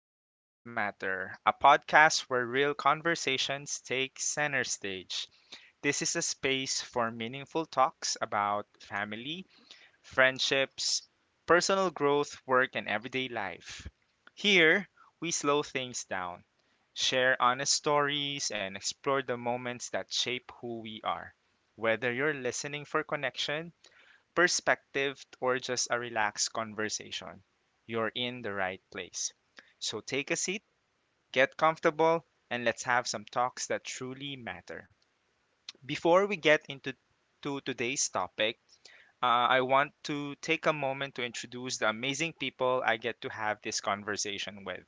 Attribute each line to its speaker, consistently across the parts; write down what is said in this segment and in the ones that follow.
Speaker 1: Talks That Matter, a podcast where real conversations take center stage. This is a space for meaningful talks about family, friendships, personal growth, work, and everyday life. Here, we slow things down, share honest stories, and explore the moments that shape who we are. Whether you're listening for connection, perspective, or just a relaxed conversation, you're in the right place. So take a seat, get comfortable, and let's have some talks that truly matter. Before we get into to today's topic, I want to take a moment to introduce the amazing people I get to have this conversation with.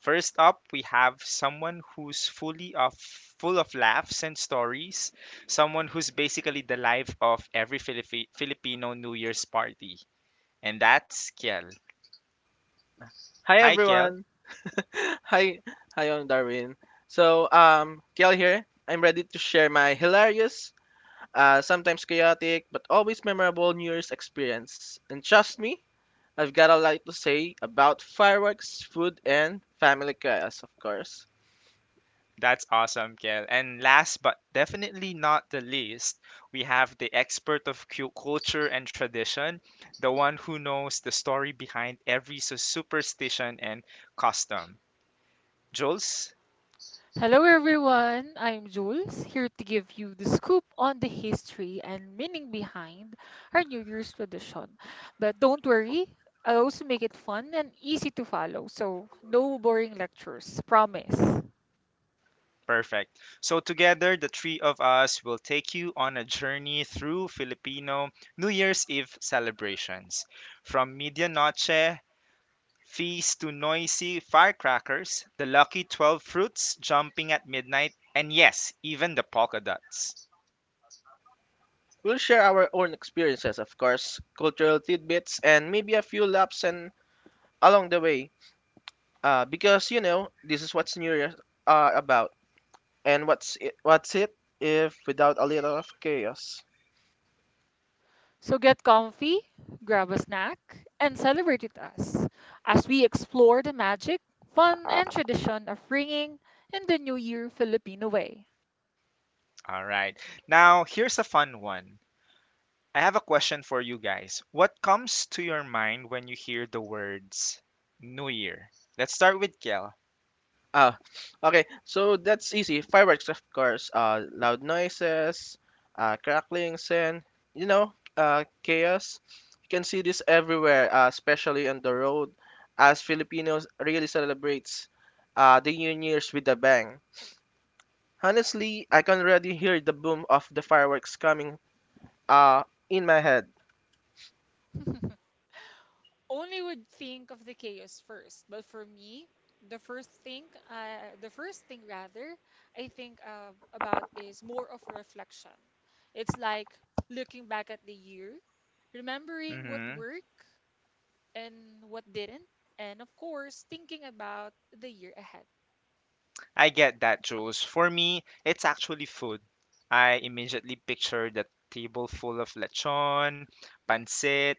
Speaker 1: First up, we have someone who's full of laughs and stories, someone who's basically the life of every Filipino New Year's party. And that's Kiel.
Speaker 2: Hi
Speaker 1: Hi, Kiel.
Speaker 2: everyone. Hi, hi on Darwin. Kiel here. I'm ready to share my hilarious, sometimes chaotic, but always memorable New Year's experience. And trust me, I've got a lot to say about fireworks, food, and family chaos, of course.
Speaker 1: That's awesome, Kiel. And last but definitely not the least, we have the expert of culture and tradition, the one who knows the story behind every superstition and custom. Jules?
Speaker 3: Hello everyone, I'm Jules, here to give you the scoop on the history and meaning behind our New Year's tradition. But don't worry, I'll also make it fun and easy to follow, so no boring lectures, promise.
Speaker 1: Perfect. So, together, the three of us will take you on a journey through Filipino New Year's Eve celebrations. From Medianoche Feast to noisy firecrackers, the lucky 12 fruits jumping at midnight, and yes, even the polka dots.
Speaker 2: We'll share our own experiences, of course, cultural tidbits, and maybe a few laughs and along the way. Because you know, this is what's New Year's about. And what's it if without a little of chaos?
Speaker 3: So get comfy, grab a snack, and celebrate with us as we explore the magic, fun, and tradition of ringing in the New Year Filipino way.
Speaker 1: All right. Now, here's a fun one. I have a question for you guys. What comes to your mind when you hear the words New Year? Let's start with Kel.
Speaker 2: Ah, okay. So that's easy. Fireworks, of course. Loud noises, cracklings, and you know, chaos. You can see this everywhere, especially on the road, as Filipinos really celebrates the New Year's with a bang. Honestly, I can already hear the boom of the fireworks coming uh, in my head.
Speaker 3: only would think of the chaos first. But for me, the first thing rather, I think about is more of reflection. It's like looking back at the year, remembering what worked and what didn't, and of course, thinking about the year ahead.
Speaker 1: I get that, Jules. For me, it's actually food. I immediately picture the table full of lechon, pancit,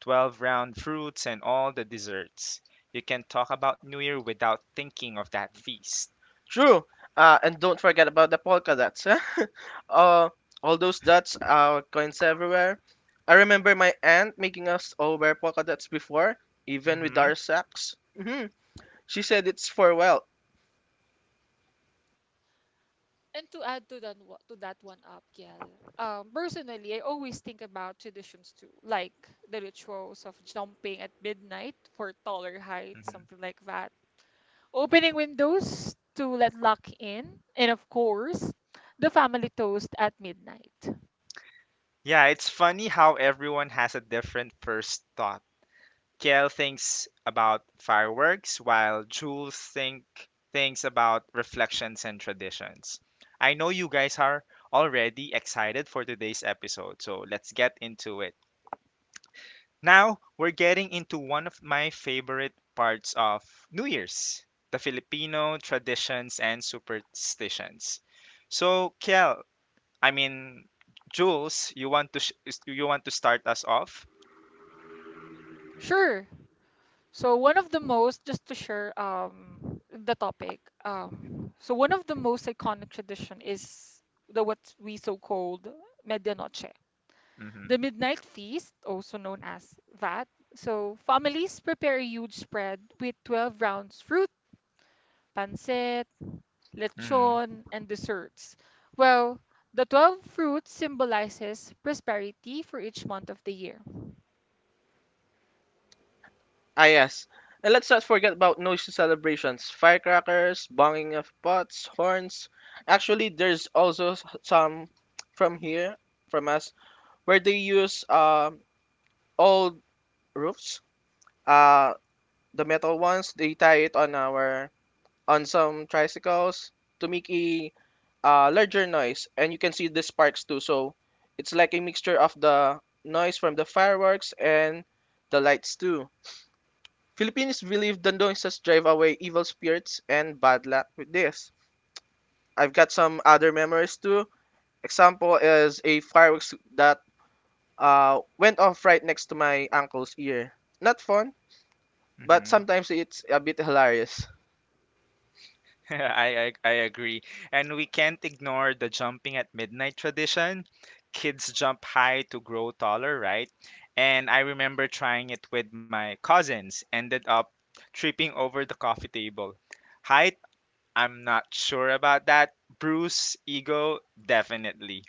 Speaker 1: 12 round fruits, and all the desserts. You can talk about New Year without thinking of that feast.
Speaker 2: True. And don't forget about the polka dots. Huh? uh, all those dots, coins everywhere. I remember my aunt making us all wear polka dots before, even with
Speaker 1: Hmm
Speaker 2: our socks. Hmm. She said it's for well.
Speaker 3: And to add to that to that one up, Kiel, personally, I always think about traditions too, like the rituals of jumping at midnight for taller heights,
Speaker 1: hmm
Speaker 3: something like that. Opening windows to let luck in, and of course, the family toast at midnight.
Speaker 1: Yeah, it's funny how everyone has a different first thought. Kale thinks about fireworks, while Jules thinks about reflections and traditions. I know you guys are already excited for today's episode, so let's get into it. Now we're getting into one of my favorite parts of New Year's, the Filipino traditions and superstitions. So, Kiel, I mean, Jules, you want to you want to start us off?
Speaker 3: Sure. So one of the most, just to share the topic, so one of the most iconic tradition is the what we so called medianoche,
Speaker 1: Mm-hmm.
Speaker 3: the midnight feast, also known as that. So families prepare a huge spread with 12 rounds fruit, pancit, lechon, and desserts. Well, the 12 fruits symbolizes prosperity for each month of the year.
Speaker 2: Ah, yes. And let's not forget about noisy celebrations, firecrackers, banging of pots, horns. Actually, there's also some from here, from us, where they use old roofs, uh, the metal ones. They tie it on our on some tricycles to make a larger noise, and you can see the sparks too, so it's like a mixture of the noise from the fireworks and the lights too. Filipinos believe the noises drive away evil spirits and bad luck with this. I've got some other memories too. Example is a fireworks that went off right next to my uncle's ear. Not fun, but
Speaker 1: hmm
Speaker 2: sometimes it's a bit hilarious.
Speaker 1: I I agree. And we can't ignore the jumping at midnight tradition. Kids jump high to grow taller, right? And I remember trying it with my cousins, ended up tripping over the coffee table. Height, I'm not sure about that. Bruce, ego, definitely.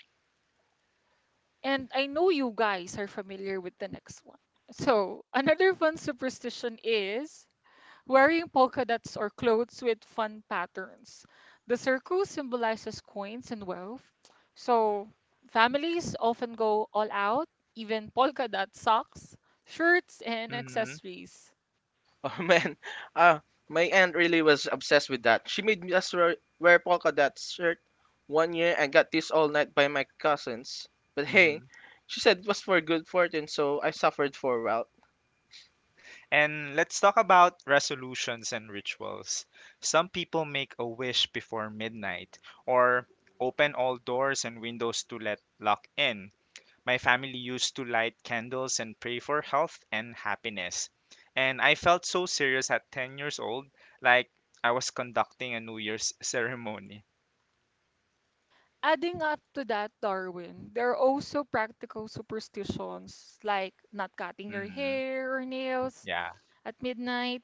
Speaker 3: And I know you guys are familiar with the next one. So, another fun superstition is wearing polka dots or clothes with fun patterns. The circle symbolizes coins and wealth. So, families often go all out, even polka dot socks, shirts, and
Speaker 1: Mm-hmm.
Speaker 3: accessories.
Speaker 2: Oh man, uh, my aunt really was obsessed with that. She made us wear polka dot shirt one year and got teased all night by my cousins. But
Speaker 1: Mm-hmm.
Speaker 2: hey, she said it was for good fortune, so I suffered for a while.
Speaker 1: And let's talk about resolutions and rituals. Some people make a wish before midnight or open all doors and windows to let luck in. My family used to light candles and pray for health and happiness. And I felt so serious at 10 years old, like I was conducting a New Year's ceremony.
Speaker 3: Adding up to that, Darwin, there are also practical superstitions like not cutting your
Speaker 1: Hmm
Speaker 3: hair or nails
Speaker 1: Yeah.
Speaker 3: at midnight,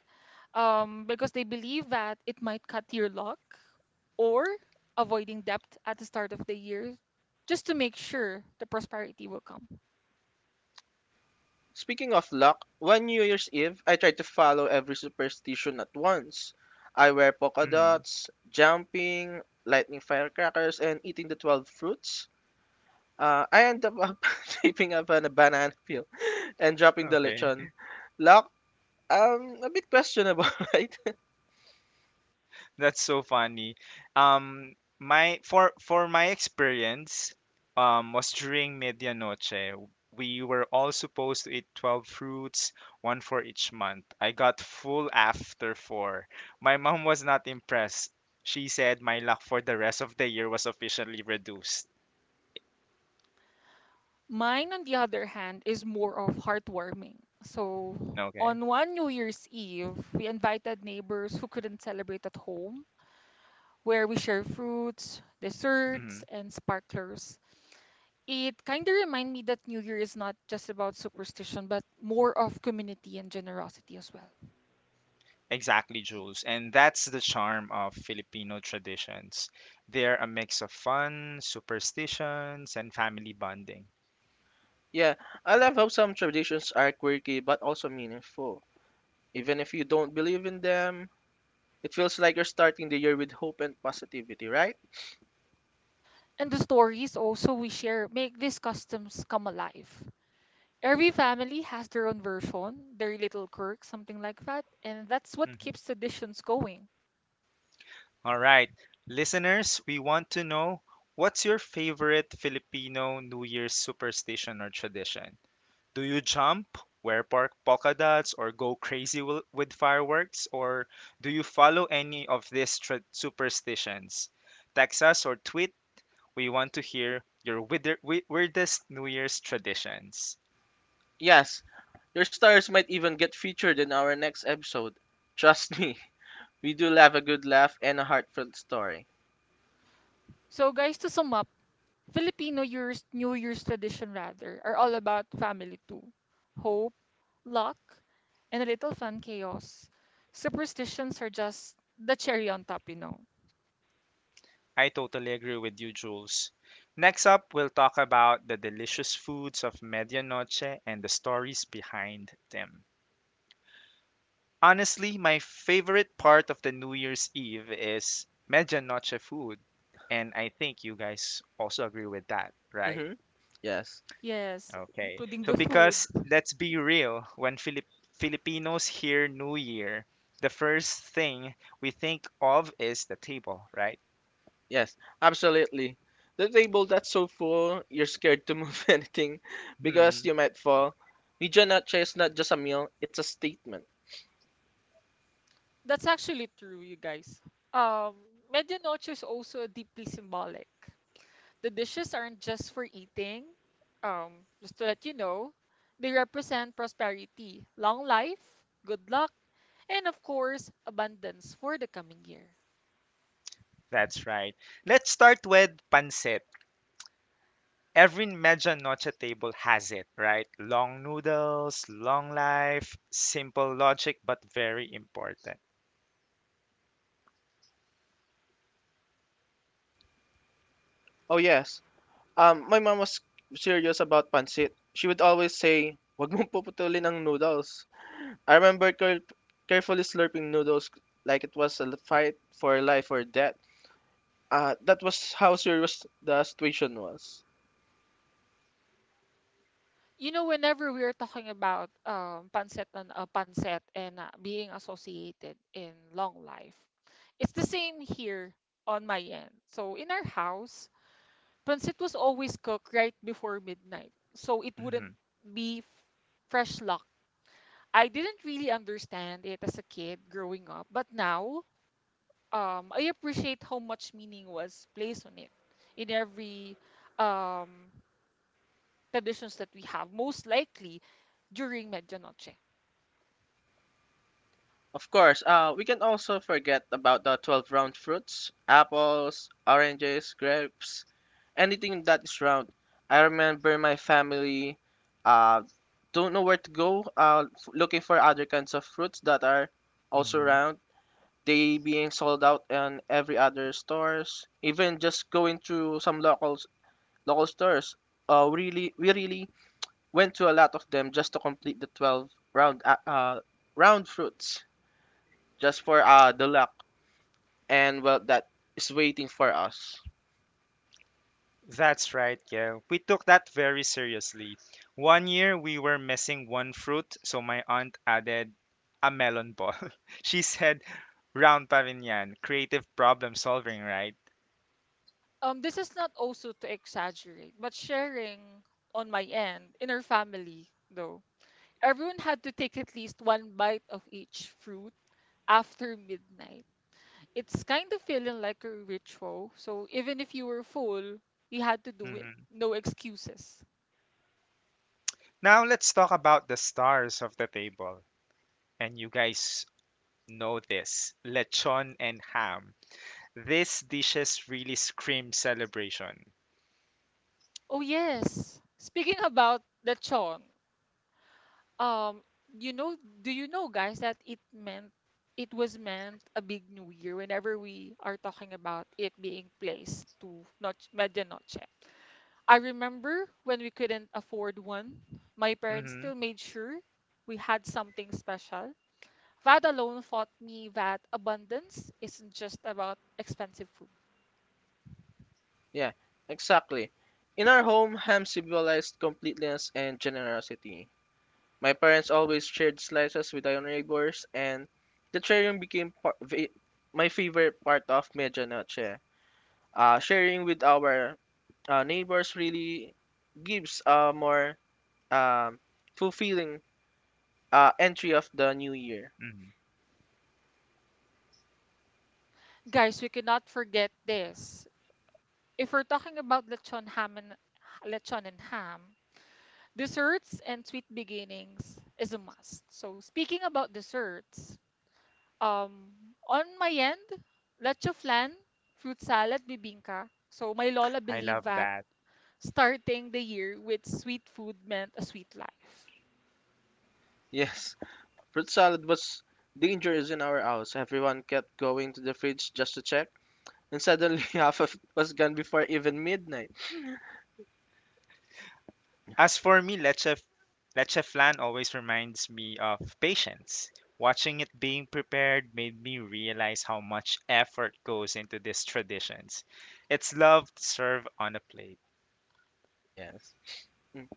Speaker 3: because they believe that it might cut your luck, or avoiding debt at the start of the year just to make sure the prosperity will come.
Speaker 2: Speaking of luck, one New Year's Eve, I tried to follow every superstition at once. I wear polka
Speaker 1: hmm
Speaker 2: dots, jumping, lightning firecrackers, and eating the 12 fruits. I ended up shaping up on a banana peel and dropping the
Speaker 1: Okay.
Speaker 2: lechon. Luck? A bit questionable, right?
Speaker 1: That's so funny. My for my experience, was during medianoche. We were all supposed to eat 12 fruits, one for each month. I got full after four. My mom was not impressed. She said my luck for the rest of the year was officially reduced.
Speaker 3: Mine, on the other hand, is more of heartwarming. So,
Speaker 1: Okay.
Speaker 3: on one New Year's Eve, we invited neighbors who couldn't celebrate at home where we share fruits,
Speaker 1: hmm
Speaker 3: desserts, and sparklers. It kind of reminds me that New Year is not just about superstition, but more of community and generosity as well.
Speaker 1: Exactly, Jules. And that's the charm of Filipino traditions. They're a mix of fun, superstitions, and family bonding.
Speaker 2: Yeah, I love how some traditions are quirky but also meaningful. Even if you don't believe in them, it feels like you're starting the year with hope and positivity, right?
Speaker 3: And the stories also we share make these customs come alive. Every family has their own version, their little quirk, something like that, and that's what keeps
Speaker 1: Hmm
Speaker 3: traditions going.
Speaker 1: All right. Listeners, we want to know what's your favorite Filipino New Year's superstition or tradition? Do you jump, wear park polka dots, or go crazy with fireworks? Or do you follow any of these superstitions? Text us or tweet. We want to hear your weirdest New Year's traditions.
Speaker 2: Yes, your stars might even get featured in our next episode. Trust me, we do love a good laugh and a heartfelt story.
Speaker 3: So, guys, to sum up, Filipino years, New Year's tradition rather, are all about family too, hope, luck, and a little fun chaos. Superstitions are just the cherry on top.
Speaker 1: I totally agree with you, Jules. Next up, we'll talk about the delicious foods of medianoche and the stories behind them. Honestly, my favorite part of the New Year's Eve is medianoche food. And I think you guys also agree with that, right?
Speaker 2: Mm-hmm. Yes,
Speaker 3: Yes,
Speaker 1: Okay.
Speaker 3: including
Speaker 1: So
Speaker 3: the food.
Speaker 1: because let's be real, when Filipinos hear New Year, the first thing we think of is the table, right?
Speaker 2: yes, absolutely. The table that's so full, you're scared to move anything because
Speaker 1: Hmm,
Speaker 2: you might fall. Medianoche is not just a meal, it's a statement.
Speaker 3: That's actually true, you guys. Um, Medianoche is also deeply symbolic. The dishes aren't just for eating. Just to let you know, they represent prosperity, long life, good luck, and of course, abundance for the coming year.
Speaker 1: that's right. Let's start with pancit. Every medianoche table has it, right? Long noodles, long life, simple logic, but very important.
Speaker 2: Oh yes. My mom was serious about pancit. She would always say, "Wag mong puputulin ang noodles." I remember carefully slurping noodles like it was a fight for life or death. That was how serious the situation was.
Speaker 3: Whenever we are talking about pancet and pancet and being associated in long life, it's the same here on my end. So in our house, pancit was always cooked right before midnight, so it wouldn't
Speaker 1: Mhm,
Speaker 3: be fresh luck. I didn't really understand it as a kid growing up, but now I appreciate how much meaning was placed on it in every um, traditions that we have, most likely during Medianoche.
Speaker 2: Of course, we can also forget about the 12 round fruits, apples, oranges, grapes, anything that is round. I remember my family uh, don't know where to go, looking for other kinds of fruits that are also
Speaker 1: mhm.
Speaker 2: around. They being sold out in every other stores. Even just going to some local stores. We really went to a lot of them just to complete the 12 round round fruits just for the luck and well that is waiting for us.
Speaker 1: That's right, yeah. We took that very seriously. One year we were missing one fruit, so my aunt added a melon ball. She said, round pa rin yan, creative problem solving, right?
Speaker 3: This is not also to exaggerate, but sharing on my end, in our family though, everyone had to take at least one bite of each fruit after midnight. It's kind of feeling like a ritual, so even if you were full, you had to do it.
Speaker 1: Mhm.
Speaker 3: No excuses.
Speaker 1: Now let's talk about the stars of the table. And you guys know this, lechon and ham. These dishes really scream celebration.
Speaker 3: Oh yes, speaking about lechon, Um, do you know, guys, that it was meant a big new year whenever we are talking about it being placed to Noche, Medianoche. I remember when we couldn't afford one, my parents
Speaker 1: Hmm
Speaker 3: still made sure we had something special. That alone taught me that abundance isn't just about expensive food.
Speaker 2: Yeah, exactly. In our home, ham symbolized completeness and generosity. My parents always shared slices with our neighbors, and the sharing became my favorite part of Medianoche. Sharing with our neighbors really gives a more um, fulfilling entry of the new year.
Speaker 1: hmm
Speaker 3: Guys, we cannot forget this. If we're talking about lechon and ham, desserts and sweet beginnings is a must. So speaking about desserts, um, on my end, leche flan, fruit salad, bibingka. So my lola
Speaker 1: I
Speaker 3: believed
Speaker 1: love
Speaker 3: that
Speaker 1: that.
Speaker 3: starting the year with sweet food meant a sweet life.
Speaker 2: Yes, fruit salad was dangerous in our house. Everyone kept going to the fridge just to check, and suddenly half of it was gone before even midnight.
Speaker 1: As for me, leche flan always reminds me of patience. Watching it being prepared made me realize how much effort goes into these traditions. It's love served on a plate.
Speaker 2: Yes. Mm.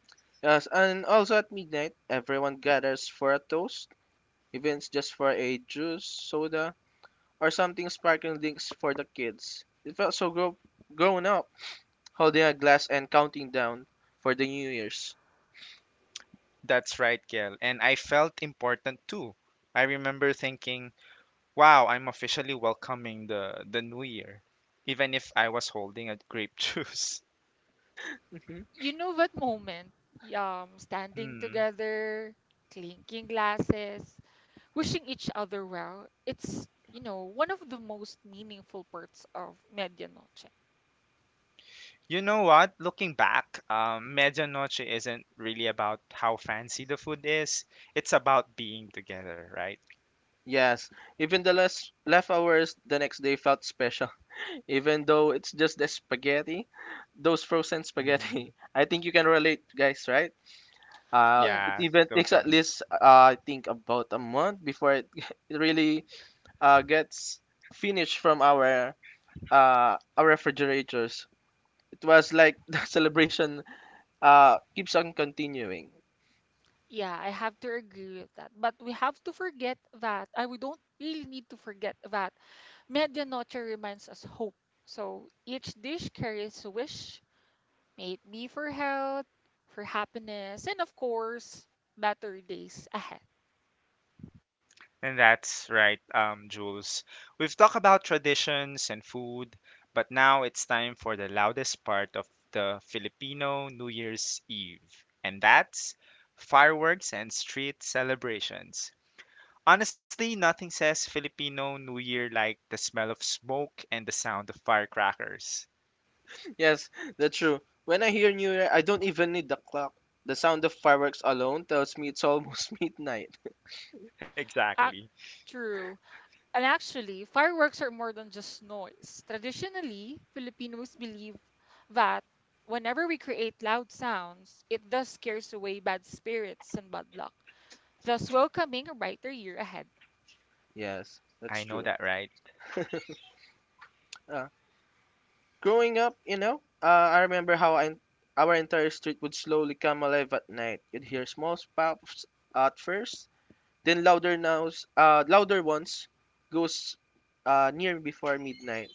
Speaker 2: Yes, and also at midnight, everyone gathers for a toast. Events just for a juice, soda, or something sparkling drinks for the kids. It felt so grown up, holding a glass and counting down for the New Year's.
Speaker 1: That's right, Gail. And I felt important too. I remember thinking, wow, I'm officially welcoming the new year, even if I was holding a grape juice.
Speaker 2: Hmm.
Speaker 3: You know that moment, standing
Speaker 1: Hmm.
Speaker 3: together, clinking glasses, wishing each other well. It's one of the most meaningful parts of Medianoche.
Speaker 1: You know what? Looking back, Medianoche isn't really about how fancy the food is. It's about being together, right?
Speaker 2: Yes, even the less left hours the next day felt special, even though it's just the spaghetti, those frozen
Speaker 1: hmm
Speaker 2: spaghetti. I think you can relate, guys, right? It
Speaker 1: Yeah,
Speaker 3: Yes.
Speaker 2: even takes at
Speaker 1: totally.
Speaker 2: least I think about a month before it, it really gets finished from our refrigerators. It was like the celebration keeps on continuing.
Speaker 3: Yeah, I have to agree with that. But we have to forget that, I we don't really need to forget that Medianoche reminds us hope. So each dish carries a wish, may it be for health, for happiness, and of course, better days ahead.
Speaker 1: And that's right, Jules. We've talked about traditions and food, but now it's time for the loudest part of the Filipino New Year's Eve, and that's fireworks and street celebrations. Honestly, nothing says Filipino New Year like the smell of smoke and the sound of firecrackers.
Speaker 2: Yes, that's true. When I hear New Year, I don't even need the clock. The sound of fireworks alone tells me it's almost midnight.
Speaker 3: Ac-
Speaker 1: Exactly.
Speaker 3: true. And actually, fireworks are more than just noise. Traditionally, Filipinos believe that whenever we create loud sounds, it thus scares away bad spirits and bad luck, just welcoming a brighter year ahead.
Speaker 2: Yes, that's
Speaker 1: I know
Speaker 2: true.
Speaker 1: that, right?
Speaker 2: Uh, Growing up, you know, I remember how our entire street would slowly come alive at night. You'd hear small pops at first, then louder ones goes near before midnight.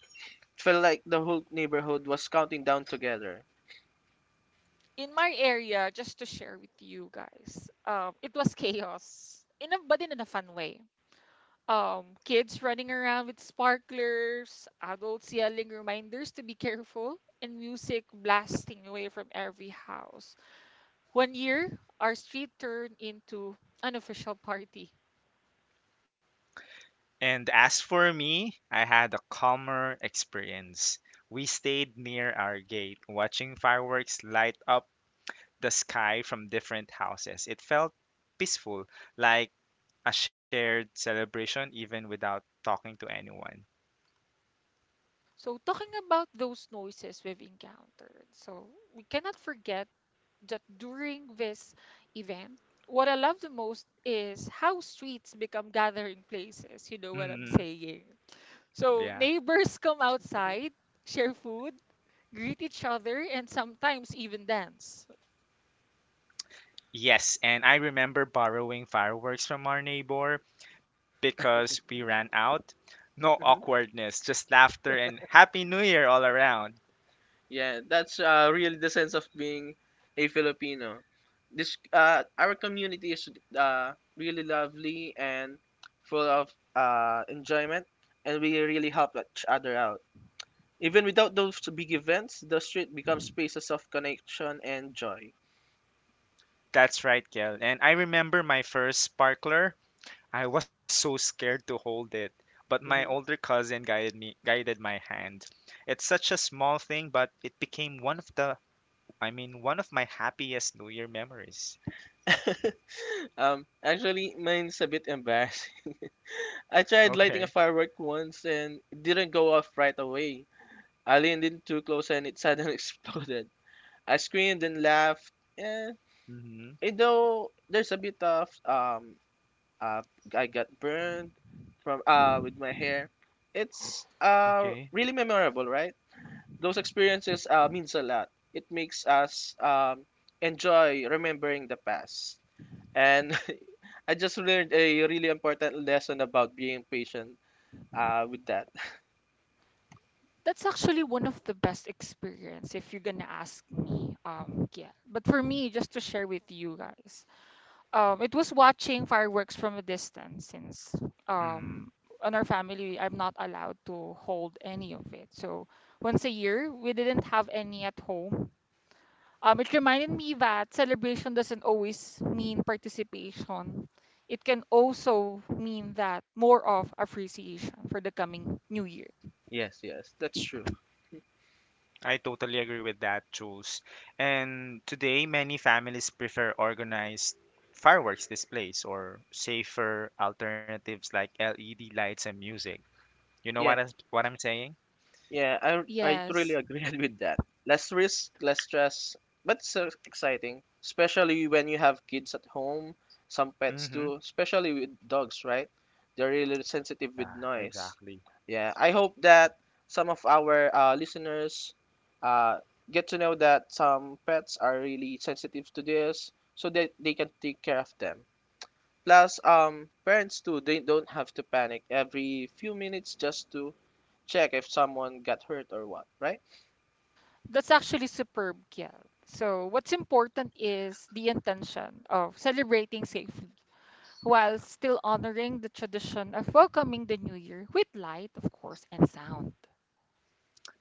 Speaker 2: It felt like the whole neighborhood was counting down together.
Speaker 3: In my area, just to share with you guys, it was chaos, but in a fun way. Kids running around with sparklers, adults yelling reminders to be careful, and music blasting away from every house. One year, our street turned into an official party.
Speaker 1: And as for me, I had a calmer experience. We stayed near our gate, watching fireworks light up the sky from different houses. It felt peaceful, like a shared celebration, even without talking to anyone.
Speaker 3: So, talking about those noises we've encountered, so we cannot forget that during this event, what I love the most is how streets become gathering places. You know what
Speaker 1: Hmm
Speaker 3: I'm saying? So
Speaker 1: Yeah.
Speaker 3: neighbors come outside, share food, greet each other, and sometimes even dance.
Speaker 1: Yes, and I remember borrowing fireworks from our neighbor because we ran out. No awkwardness, just laughter and Happy New Year all around.
Speaker 2: Yeah, that's really the sense of being a Filipino. This our community is really lovely and full of enjoyment, and we really help each other out. Even without those big events, the street becomes spaces of connection and joy.
Speaker 1: That's right, Kel. And I remember my first sparkler. I was so scared to hold it, but my older
Speaker 2: Hmm.
Speaker 1: cousin guided me, guided my hand. It's such a small thing, but it became one of I mean, one of my happiest New Year memories.
Speaker 2: Actually, mine's a bit embarrassing. I tried
Speaker 1: Okay.
Speaker 2: lighting a firework once and it didn't go off right away. I leaned in too close and it suddenly exploded. I screamed and laughed. And
Speaker 1: Mm-hmm.
Speaker 2: though there's a bit of uh I got burned from with my hair. It's
Speaker 1: Okay.
Speaker 2: really memorable, right? Those experiences means a lot. It makes us enjoy remembering the past. And I just learned a really important lesson about being patient with that.
Speaker 3: That's actually one of the best experience if you're gonna ask me, yeah. But for me, just to share with you guys, it was watching fireworks from a distance since
Speaker 1: Mm.
Speaker 3: um, on our family I'm not allowed to hold any of it. So once a year we didn't have any at home. It reminded me that celebration doesn't always mean participation. It can also mean that more of appreciation for the coming new year.
Speaker 2: Yes, yes, that's true.
Speaker 1: I totally agree with that, Jules. And today, many families prefer organized fireworks displays or safer alternatives like LED lights and music. You know what,
Speaker 2: Yeah.
Speaker 1: what I'm saying?
Speaker 2: Yeah, I really
Speaker 3: Yes,
Speaker 2: agree with that. Less risk, less stress, but it's so exciting, especially when you have kids at home, some pets
Speaker 1: Mm-hmm.
Speaker 2: too, especially with dogs, right? They're really sensitive
Speaker 1: Yeah,
Speaker 2: with noise.
Speaker 1: exactly.
Speaker 2: Yeah, I hope that some of our listeners uh, get to know that some pets are really sensitive to this, so that they can take care of them. Plus, parents too, they don't have to panic every few minutes just to check if someone got hurt or what, right?
Speaker 3: that's actually superb, Kiel. So what's important is the intention of celebrating safely while still honoring the tradition of welcoming the new year with light, of course, and sound.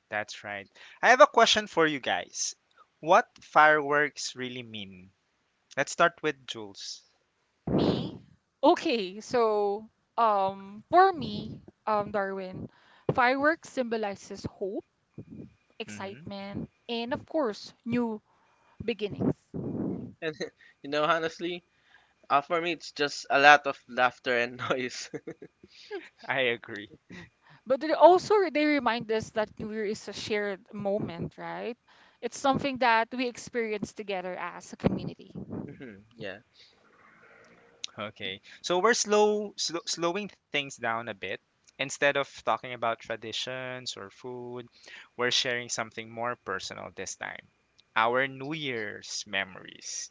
Speaker 1: That's right. I have a question for you guys. What fireworks really mean? Let's start with Jules.
Speaker 3: Me? Okay, so for me, Darwin, fireworks symbolizes hope,
Speaker 1: Mm-hmm.
Speaker 3: excitement, and of course, new beginnings.
Speaker 2: And you know, honestly, for me, it's just a lot of laughter and noise.
Speaker 1: I agree.
Speaker 3: But they remind us that new year is a shared moment, right? It's something that we experience together as a community.
Speaker 2: Mhm, yeah,
Speaker 1: Okay. So we're slowing things down a bit. Instead of talking about traditions or food, we're sharing something more personal this time. Our New Year's memories.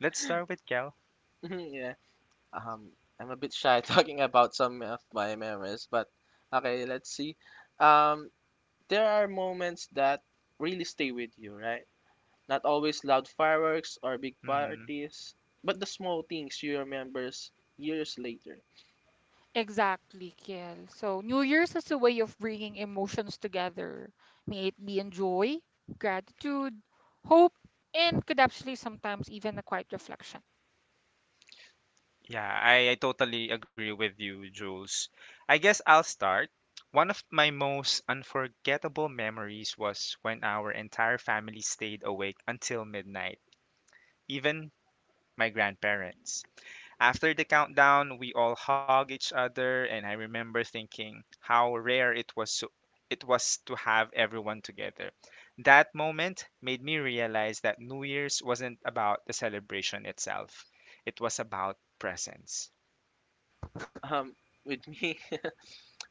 Speaker 1: Let's start with Kel.
Speaker 2: yeah. Um, I'm a bit shy talking about some of my memories, but okay, let's see. Um, there are moments that really stay with you, right? Not always loud fireworks or big
Speaker 1: Hmm
Speaker 2: parties, but the small things you remembers years later.
Speaker 3: Exactly, Kiel. So New Year's is a way of bringing emotions together. May it be in joy, gratitude, hope, and could actually sometimes even a quiet reflection.
Speaker 1: Yeah, I totally agree with you, Jules. I guess I'll start. One of my most unforgettable memories was when our entire family stayed awake until midnight, even my grandparents. After the countdown, we all hugged each other, and I remember thinking how rare it was to have everyone together. That moment made me realize that New Year's wasn't about the celebration itself. It was about presence.
Speaker 2: Um, with me,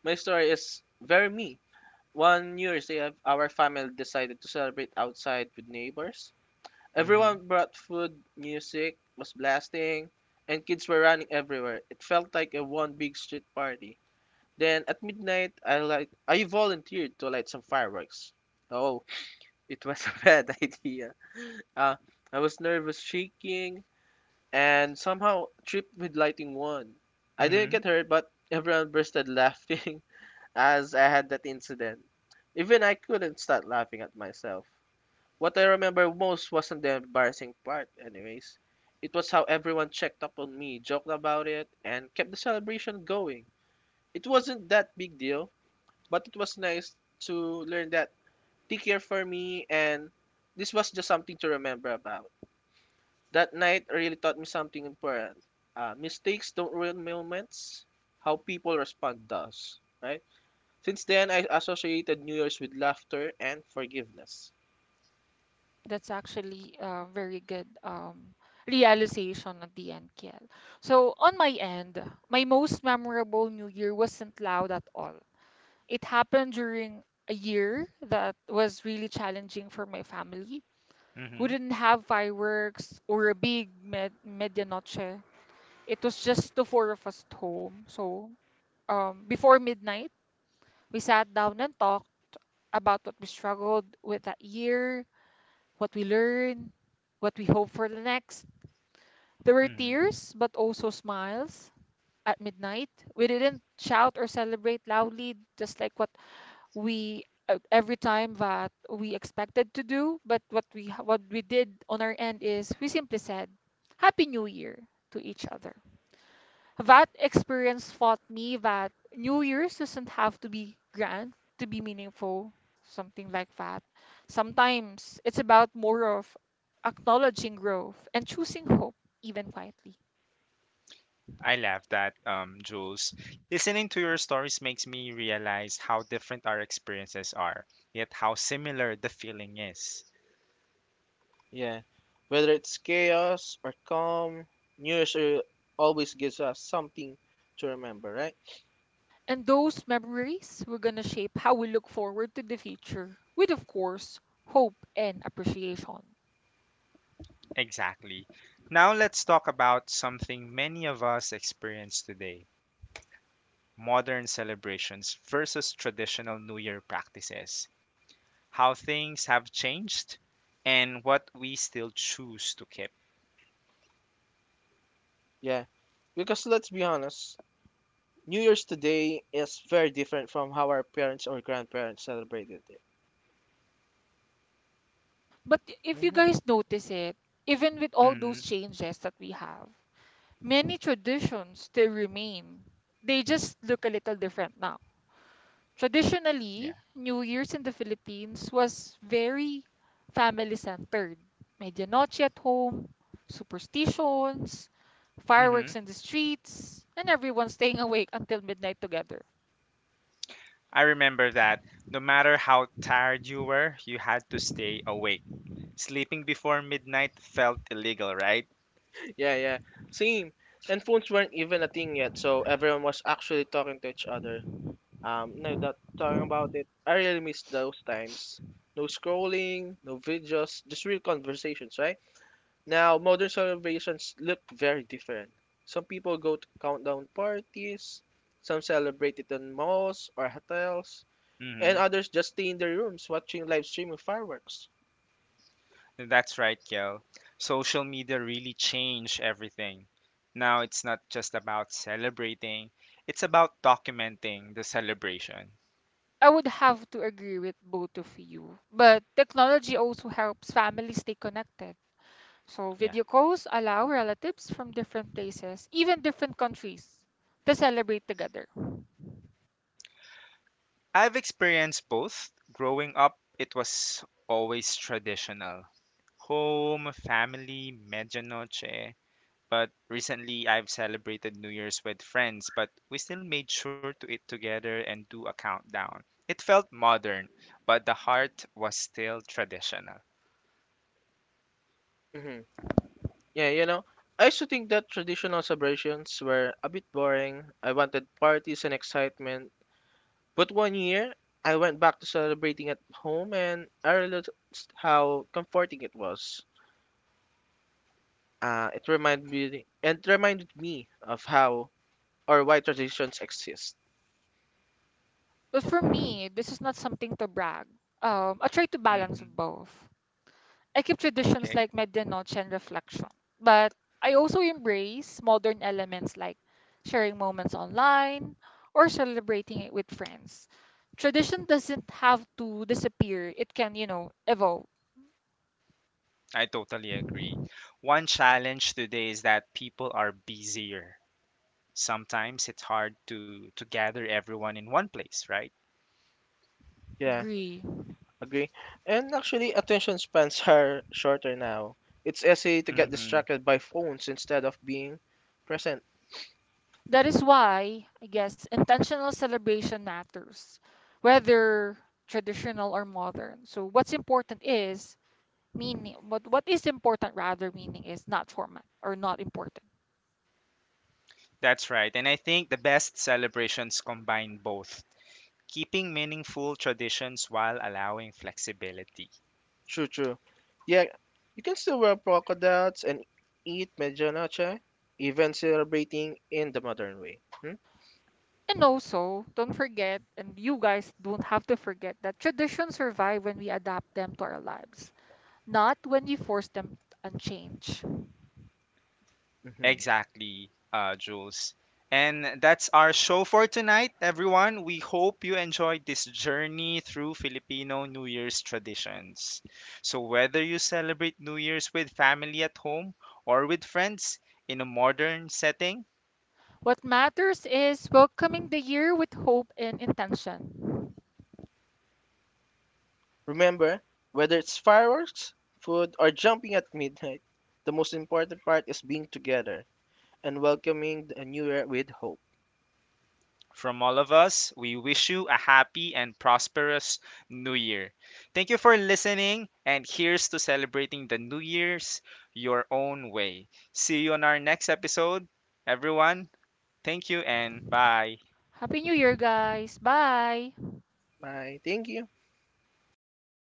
Speaker 2: my story is very me. One New Year's Day, our family decided to celebrate outside with neighbors.
Speaker 1: Mhm.
Speaker 2: Everyone brought food, music was blasting, and kids were running everywhere. It felt like a one big street party. Then at midnight, I volunteered to light some fireworks. Oh, it was a bad idea. Uh, I was nervous, shaking, and somehow tripped with lighting one. I didn't
Speaker 1: Mhm.
Speaker 2: get hurt, but everyone bursted laughing as I had that incident. Even I couldn't stop laughing at myself. What I remember most wasn't the embarrassing part, anyways. It was how everyone checked up on me, joked about it, and kept the celebration going. It wasn't that big deal, but it was nice to learn that take care for me, and this was just something to remember about. That night really taught me something important. Mistakes don't ruin moments, how people respond does, right? Since then, I associated New Year's with laughter and forgiveness.
Speaker 3: That's actually a very good realization at the end, Kiel. So on my end, my most memorable New Year wasn't loud at all. It happened during a year that was really challenging for my family. We
Speaker 1: Mhm.
Speaker 3: didn't have fireworks or a big medianoche. It was just the four of us at home. So before midnight, we sat down and talked about what we struggled with that year, what we learned, what we hope for the next. There were
Speaker 1: Mhm.
Speaker 3: tears, but also smiles at midnight. We didn't shout or celebrate loudly, just like what we every time that we expected to do. But what we did on our end is we simply said, "Happy New Year" to each other. That experience taught me that New Year's doesn't have to be grand to be meaningful, something like that. Sometimes it's about more of acknowledging growth and choosing hope, even quietly.
Speaker 1: I love that, Jules. Listening to your stories makes me realize how different our experiences are, yet how similar the feeling is.
Speaker 2: Yeah. Whether it's chaos or calm, New Year's always gives us something to remember, right?
Speaker 3: And those memories were going to shape how we look forward to the future, with, of course, hope and appreciation.
Speaker 1: Exactly. Now let's talk about something many of us experience today, modern celebrations versus traditional New Year practices, how things have changed, and what we still choose to keep.
Speaker 2: Yeah. Because let's be honest, New Year's today is very different from how our parents or grandparents celebrated it.
Speaker 3: But if you
Speaker 2: Mhm.
Speaker 3: guys notice it, even with all those
Speaker 1: Hmm
Speaker 3: changes that we have, many traditions still remain. They just look a little different now.
Speaker 1: Yeah.
Speaker 3: Traditionally, New Year's in the Philippines was very family-centered. Medianoche at home, superstitions,
Speaker 1: hmm
Speaker 3: fireworks in the streets, and everyone staying awake until midnight together.
Speaker 1: I remember that no matter how tired you were, you had to stay awake. Sleeping before midnight felt illegal, right?
Speaker 2: Yeah, yeah. Same. And phones weren't even a thing yet, so everyone was actually talking to each other. Now that talking about it, I really miss those times. No scrolling, no videos, just real conversations, right? Now, modern celebrations look very different. Some people go to countdown parties, some celebrate it in malls or hotels, and
Speaker 1: Mm-hmm.
Speaker 2: others just stay in their rooms watching live streaming fireworks.
Speaker 1: That's right, Kel. Social media really changed everything. Now it's not just about celebrating, it's about documenting the celebration.
Speaker 3: I would have to agree with both of you. But technology also helps families stay connected. So
Speaker 1: Yeah.
Speaker 3: video calls allow relatives from different places, even different countries, to celebrate together.
Speaker 1: I've experienced both. Growing up, it was always traditional home, family, medianoche. But recently, I've celebrated New Year's with friends, but we still made sure to eat together and do a countdown. It felt modern, but the heart was still traditional.
Speaker 2: Hmm. Yeah, you know, I used to think that traditional celebrations were a bit boring. I wanted parties and excitement, but one year, I went back to celebrating at home and I realized how comforting it was. It reminded me of how or why traditions exist.
Speaker 3: Well, for me, this is not something to brag. I try to balance
Speaker 1: Mhm.
Speaker 3: both. I keep traditions
Speaker 1: Okay,
Speaker 3: like medianoche and reflection, but I also embrace modern elements like sharing moments online or celebrating it with friends. Tradition doesn't have to disappear. It can evolve.
Speaker 1: I totally agree. One challenge today is that people are busier. Sometimes it's hard to gather everyone in one place, right?
Speaker 2: Yeah,
Speaker 3: Agree.
Speaker 2: agree. And actually, attention spans are shorter now. It's easy to get
Speaker 1: hmm
Speaker 2: distracted by phones instead of being present.
Speaker 3: That is why, I guess, intentional celebration matters, whether traditional or modern. So what's important is meaning, but what is important rather meaning is not format or not important,
Speaker 1: That's right. And I think the best celebrations combine both, keeping meaningful traditions while allowing flexibility.
Speaker 2: True, true. Yeah, you can still wear polka dots and eat medianoche, even celebrating in the modern way. Hmm?
Speaker 3: and you guys don't have to forget that traditions survive when we adapt them to our lives, not when you force them and change.
Speaker 2: Mhm.
Speaker 1: Exactly, Jules. And that's our show for tonight, everyone. We hope you enjoyed this journey through Filipino New Year's traditions. So, whether you celebrate New Year's with family at home or with friends in a modern setting,
Speaker 3: What matters is welcoming the year with hope and intention.
Speaker 2: Remember, whether it's fireworks, food, or jumping at midnight, the most important part is being together and welcoming the new year with hope.
Speaker 1: from all of us, we wish you a happy and prosperous New Year. Thank you for listening, and here's to celebrating the New Year's your own way. See you on our next episode, everyone. Thank you and bye.
Speaker 3: Happy New Year, guys. Bye.
Speaker 2: Bye. Thank you.